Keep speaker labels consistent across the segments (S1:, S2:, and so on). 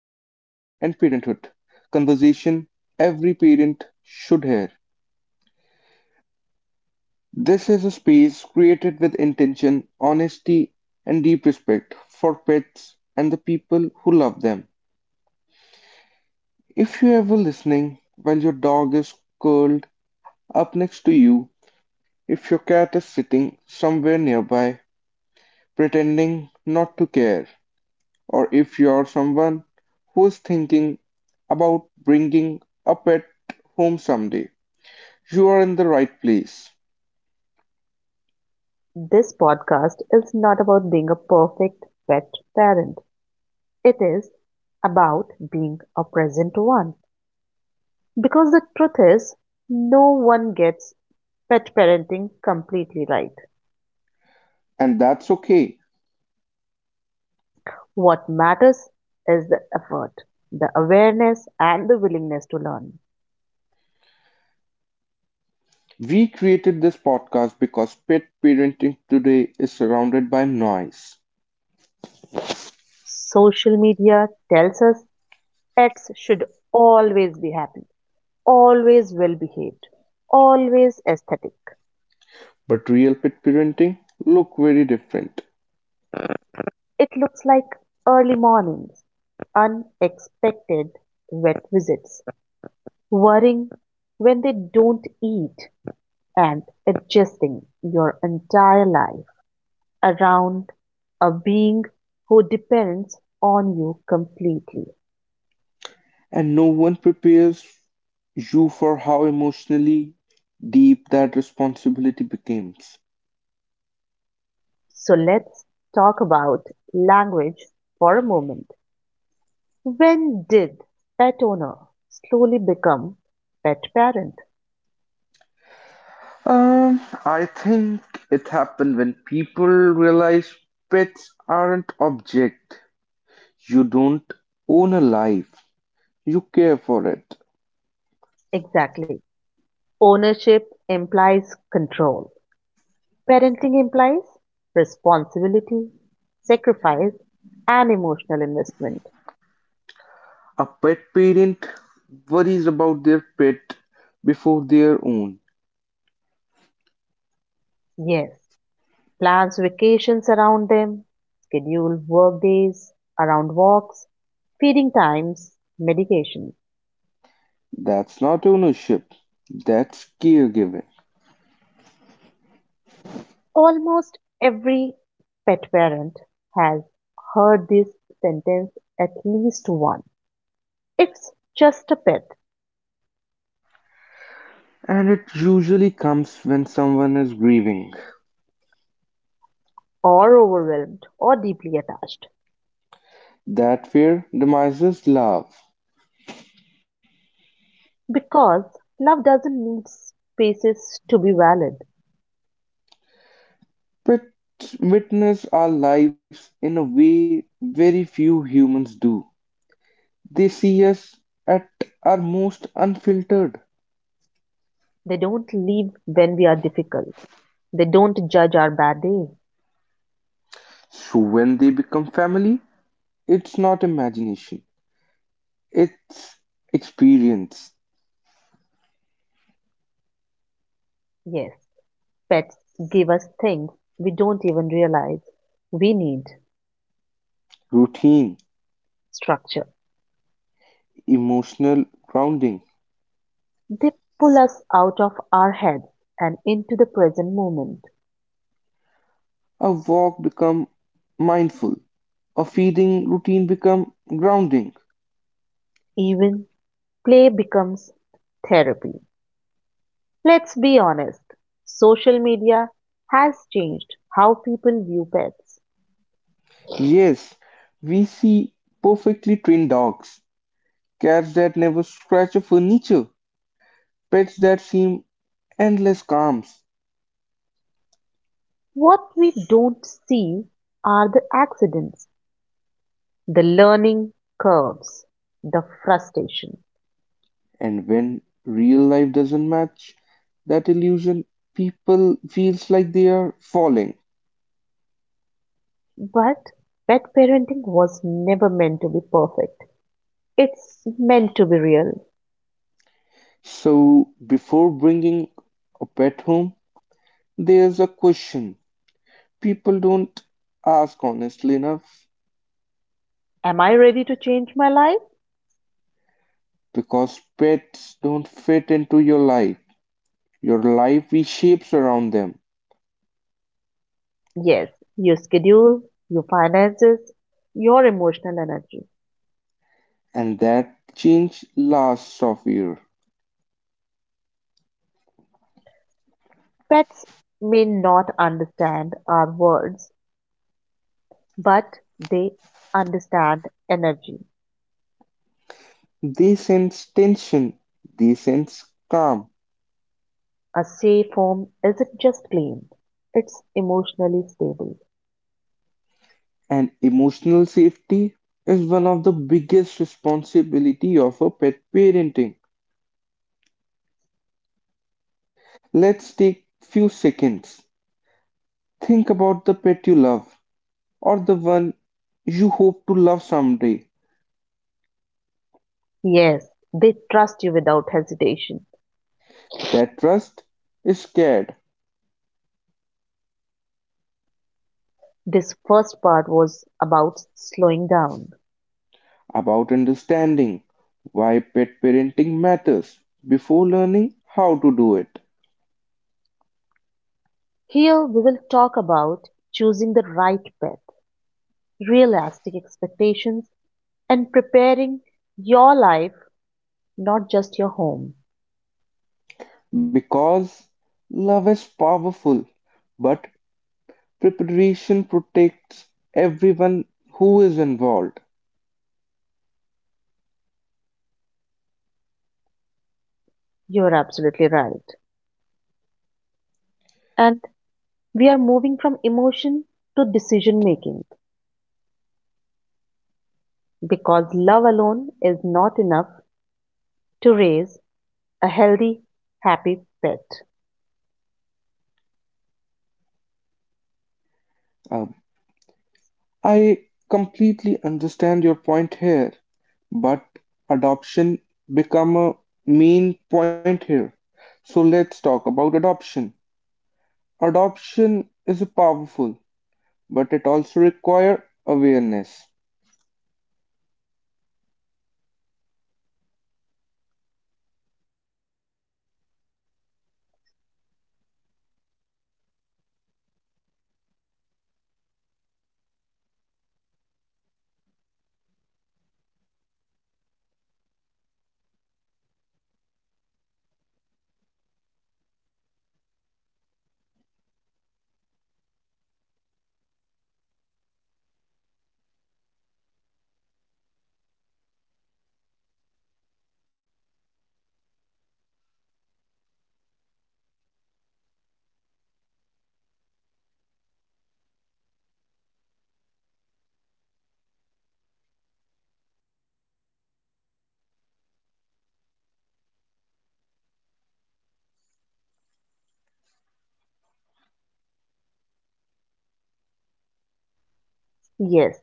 S1: and parenthood conversation every parent should hear. This is a space created with intention, honesty, and deep respect for pets and the people who love them. If you're ever listening while your dog is curled up next to you, if your cat is sitting somewhere nearby, pretending not to care, or if you're someone who's thinking about bringing a pet home someday, you are in the right place.
S2: This podcast is not about being a perfect pet parent. It is about being a present one. Because the truth is, no one gets pet parenting completely right.
S1: And that's okay.
S2: What matters is the effort, the awareness, and the willingness to learn.
S1: We created this podcast because pet parenting today is surrounded by noise.
S2: Social media tells us pets should always be happy, always well behaved, always aesthetic.
S1: But real pet parenting looks very different.
S2: It looks like early mornings, unexpected wet visits, worrying when they don't eat, and adjusting your entire life around a being who depends on you completely.
S1: And no one prepares you for how emotionally deep that responsibility becomes.
S2: So let's talk about language for a moment. When did pet owner slowly become pet parent?
S1: I think it happened when people realize pets aren't object. You don't own a life. You care for it.
S2: Exactly. Ownership implies control. Parenting implies responsibility, sacrifice, and emotional investment.
S1: A pet parent worries about their pet before their own.
S2: Yes, plans vacations around them, schedule work days around walks, feeding times, medication.
S1: That's not ownership. That's caregiving.
S2: Almost every pet parent has heard this sentence at least once. It's just a pet,
S1: And it usually comes when someone is grieving.
S2: or overwhelmed, or deeply attached.
S1: That fear demises love.
S2: Because love doesn't need spaces to be valid.
S1: Pets witness our lives in a way very few humans do. They see us at our most unfiltered.
S2: They don't leave when we are difficult. They don't judge our bad day.
S1: So when they become family, it's not imagination, it's experience,
S2: Yes, pets give us things we don't even realize we need
S1: routine,
S2: structure.
S1: emotional grounding.
S2: They pull us out of our heads and into the present moment.
S1: A walk become mindful, a feeding routine become grounding.
S2: Even play becomes therapy. Let's be honest. Social media has changed how people view pets.
S1: Yes, we see perfectly trained dogs, cats that never scratch a furniture, pets that seem endless calms,
S2: What we don't see are the accidents, the learning curves, the frustration.
S1: and when real life doesn't match that illusion, people feels like they are falling.
S2: But pet parenting was never meant to be perfect. It's meant to be real.
S1: So before bringing a pet home, there's a question people don't ask honestly enough
S2: Am I ready to change my life?
S1: because pets don't fit into your life. Your life reshapes around them,
S2: Yes, your schedule, your finances, your emotional energy.
S1: and that change lasts of year.
S2: Pets may not understand our words, but they understand energy.
S1: They sense tension, they sense calm,
S2: A safe home isn't just clean, it's emotionally stable.
S1: and emotional safety is one of the biggest responsibility of a pet parenting. Let's take few seconds. Think about the pet you love or the one you hope to love someday.
S2: Yes, they trust you without hesitation.
S1: That trust is scared
S2: This first part was about slowing down.
S1: about understanding why pet parenting matters before learning how to do it.
S2: Here we will talk about choosing the right path, realistic expectations, and preparing your life, not just your home.
S1: Because love is powerful, but preparation protects everyone who is involved.
S2: You're absolutely right. And we are moving from emotion to decision making because love alone is not enough to raise a healthy, happy pet.
S1: Um, I completely understand your point here, but adoption become a main point here. So let's talk about adoption. Adoption is powerful, but it also require awareness.
S2: Yes,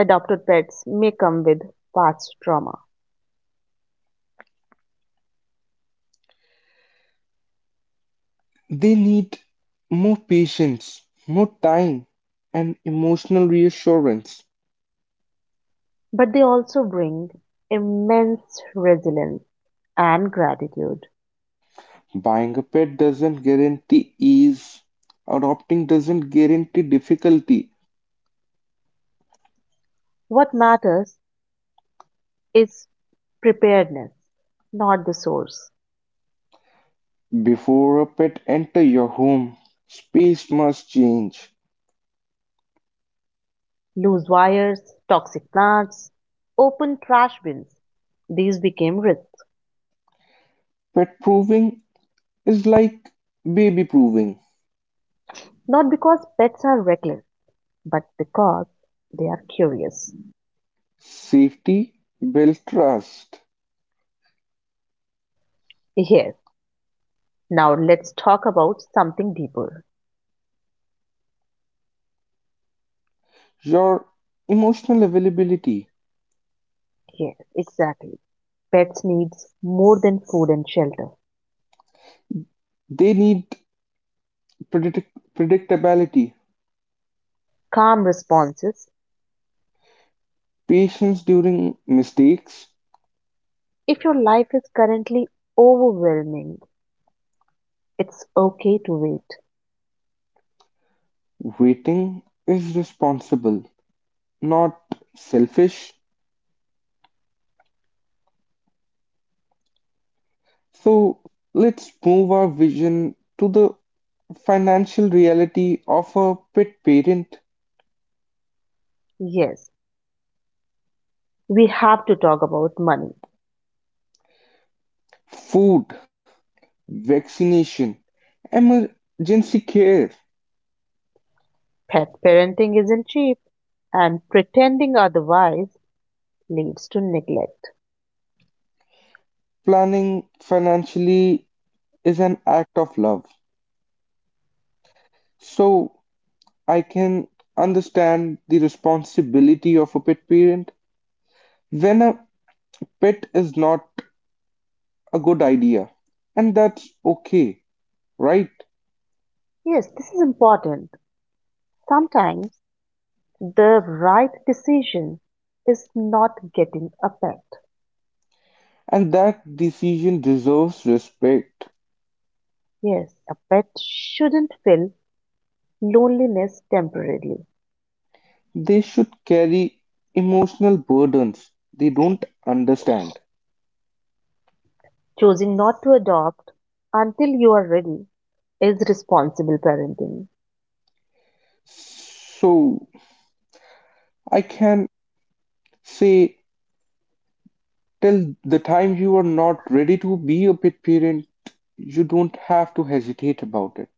S2: adopted pets may come with past trauma,
S1: They need more patience, more time, and emotional reassurance.
S2: but they also bring immense resilience and gratitude.
S1: Buying a pet doesn't guarantee ease. Adopting doesn't guarantee difficulty.
S2: What matters is preparedness, not the source.
S1: Before a pet enter your home, space must change.
S2: Loose wires, toxic plants, open trash bins. These became risks,
S1: Pet proving is like baby proving.
S2: not because pets are reckless, but because they are curious.
S1: Safety build trust.
S2: Yes, now let's talk about something deeper.
S1: Your emotional availability.
S2: Yes, exactly. Pets need more than food and shelter.
S1: They need predict- predictability.
S2: Calm responses.
S1: Patience during mistakes.
S2: If your life is currently overwhelming, it's okay to wait.
S1: Waiting is responsible, not selfish. So let's move our vision to the financial reality of a pet parent.
S2: Yes, we have to talk about money.
S1: Food, vaccination, emergency care,
S2: Pet parenting isn't cheap, and pretending otherwise leads to neglect.
S1: planning financially is an act of love. So I can understand the responsibility of a pet parent when a pet is not a good idea. And that's okay, right?
S2: Yes, this is important. Sometimes the right decision is not getting a pet.
S1: And that decision deserves respect.
S2: Yes, a pet shouldn't fill loneliness temporarily.
S1: They should carry emotional burdens they don't understand.
S2: Choosing not to adopt until you are ready is responsible parenting.
S1: So I can say, till the time you are not ready to be a pet parent, you don't have to hesitate about it.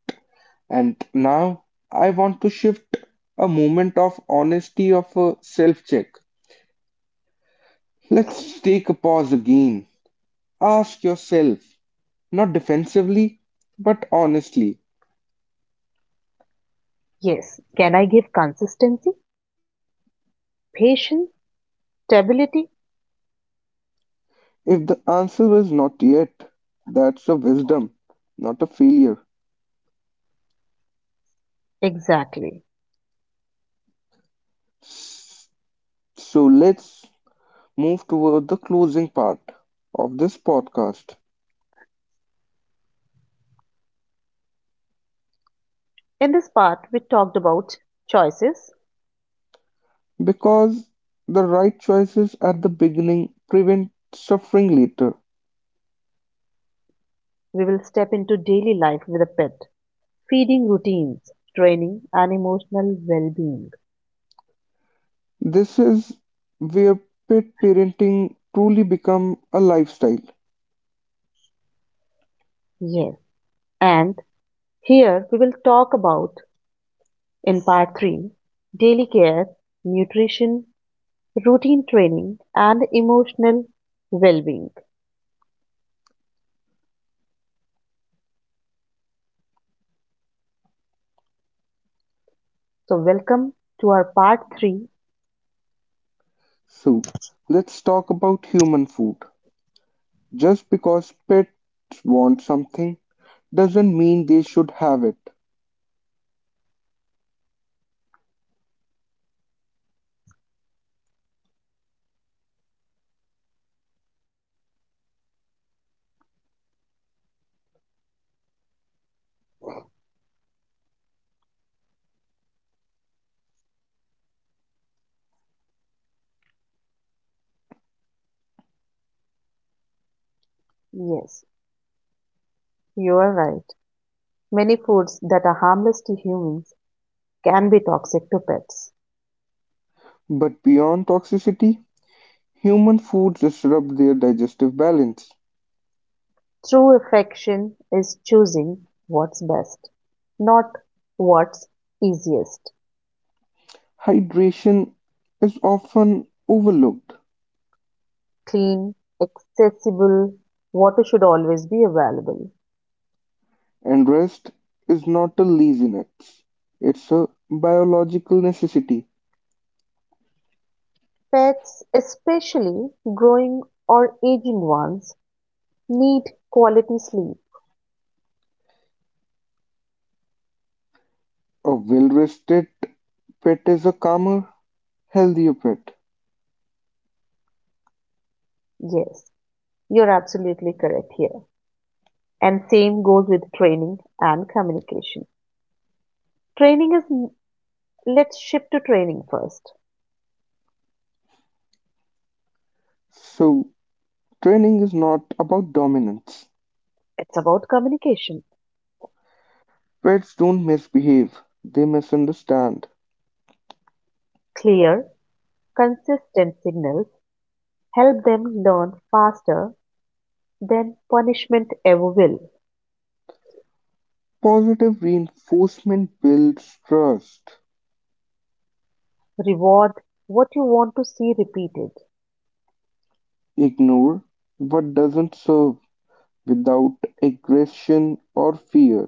S1: And now I want to shift a moment of honesty of a self check. Let's take a pause again. Ask yourself, not defensively, but honestly,
S2: Yes. Can I give consistency, patience, stability?
S1: if the answer is not yet, that's a wisdom, not a failure.
S2: Exactly.
S1: So let's move toward the closing part of this podcast
S2: In this part, we talked about choices.
S1: because the right choices at the beginning prevent suffering later.
S2: We will step into daily life with a pet, feeding routines, training, and emotional well being.
S1: This is where pet parenting truly becomes a lifestyle.
S2: Yes. And here we will talk about, in part 3, daily care, nutrition, routine training, and emotional well being. So, welcome to our part 3.
S1: So, let's talk about human food. Just because pets want something doesn't mean they should have it.
S2: Yes, you are right. Many foods that are harmless to humans can be toxic to pets.
S1: But beyond toxicity, human foods disrupt their digestive balance.
S2: True affection is choosing what's best, not what's easiest.
S1: Hydration is often overlooked
S2: Clean, accessible, water should always be available.
S1: and rest is not a laziness, it's a biological necessity.
S2: Pets, especially growing or aging ones, need quality sleep.
S1: A well-rested pet is a calmer, healthier pet.
S2: Yes, you're absolutely correct here. And same goes with training and communication. Training is, let's shift to training first.
S1: So, training is not about dominance.
S2: It's about communication.
S1: Pets don't misbehave, they misunderstand.
S2: Clear, consistent signals help them learn faster than punishment ever will.
S1: Positive reinforcement builds trust.
S2: Reward what you want to see repeated.
S1: Ignore what doesn't serve without aggression or fear.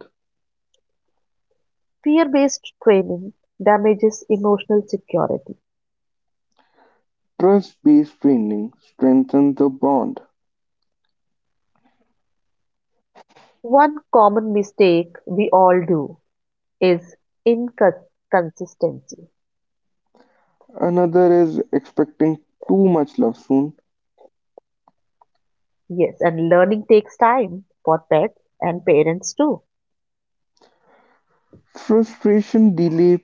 S2: Fear based training damages emotional security.
S1: Trust-based training strengthens the bond;
S2: One common mistake we all do is inconsistency.
S1: another is expecting too much love soon;
S2: Yes, and learning takes time for pets and parents too.
S1: frustration delays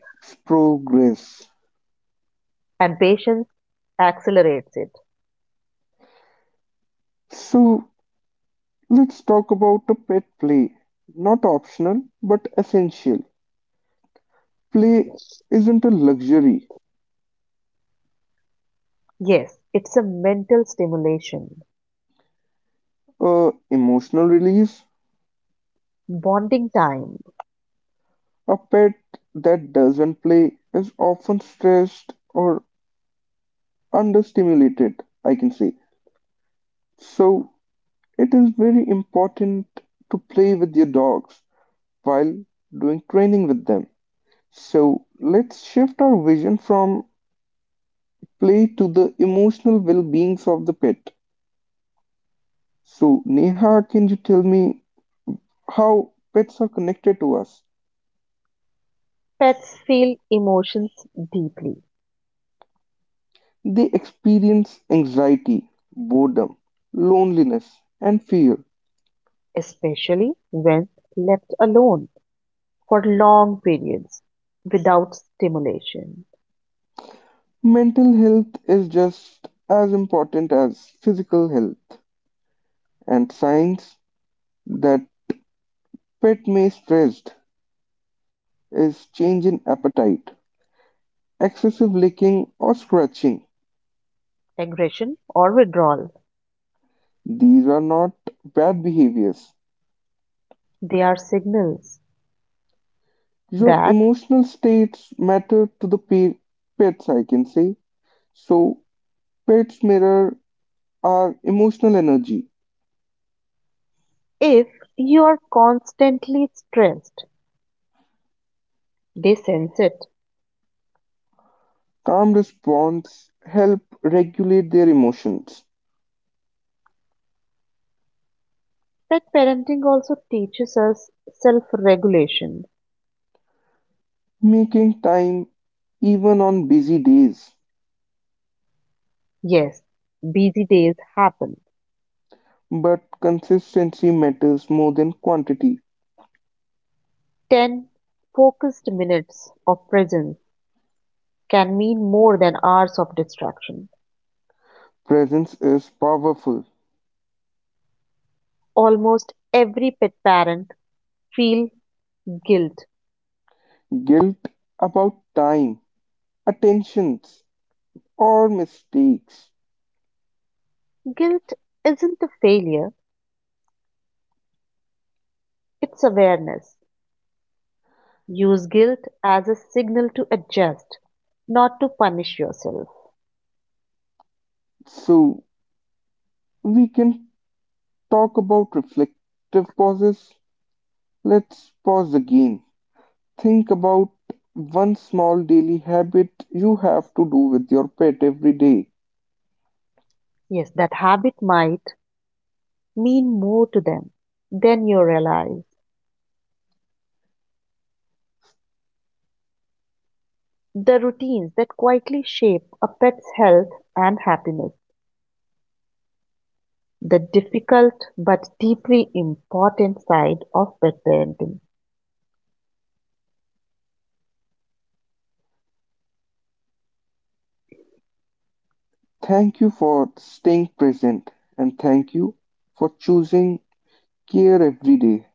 S1: progress.
S2: And patience accelerates it.
S1: So let's talk about a pet play. Not optional, but essential. Play isn't a luxury,
S2: Yes, it's a mental stimulation,
S1: a emotional release.
S2: bonding time.
S1: A pet that doesn't play is often stressed or understimulated, I can say. So it is very important to play with your dogs while doing training with them. So let's shift our vision from play to the emotional well-being of the pet. So Neha, can you tell me how pets are connected to us?
S2: Pets feel emotions deeply,
S1: They experience anxiety, boredom, loneliness, and fear.
S2: especially when left alone for long periods without stimulation,
S1: Mental health is just as important as physical health, and signs that pet may be stressed is change in appetite, excessive licking or scratching.
S2: aggression, or withdrawal.
S1: These are not bad behaviors.
S2: They are signals
S1: Your
S2: that
S1: emotional states matter to the pets, I can say. So, pets mirror our emotional energy.
S2: if you are constantly stressed, they sense it.
S1: Calm response help regulate their emotions,
S2: Pet parenting also teaches us self regulation.
S1: making time even on busy days.
S2: Yes, busy days happen.
S1: But consistency matters more than quantity.
S2: 10 focused minutes of presence can mean more than hours of distraction.
S1: Presence is powerful.
S2: Almost every pet parent feels guilt.
S1: Guilt about time attentions or mistakes.
S2: Guilt isn't a failure, it's awareness. Use guilt as a signal to adjust, not to punish yourself.
S1: So we can talk about reflective pauses. Let's pause again. Think about one small daily habit you have to do with your pet every day.
S2: Yes, that habit might mean more to them than you realize. The routines that quietly shape a pet's health and happiness, the difficult but deeply important side of pet parenting.
S1: Thank you for staying present and thank you for choosing care every day.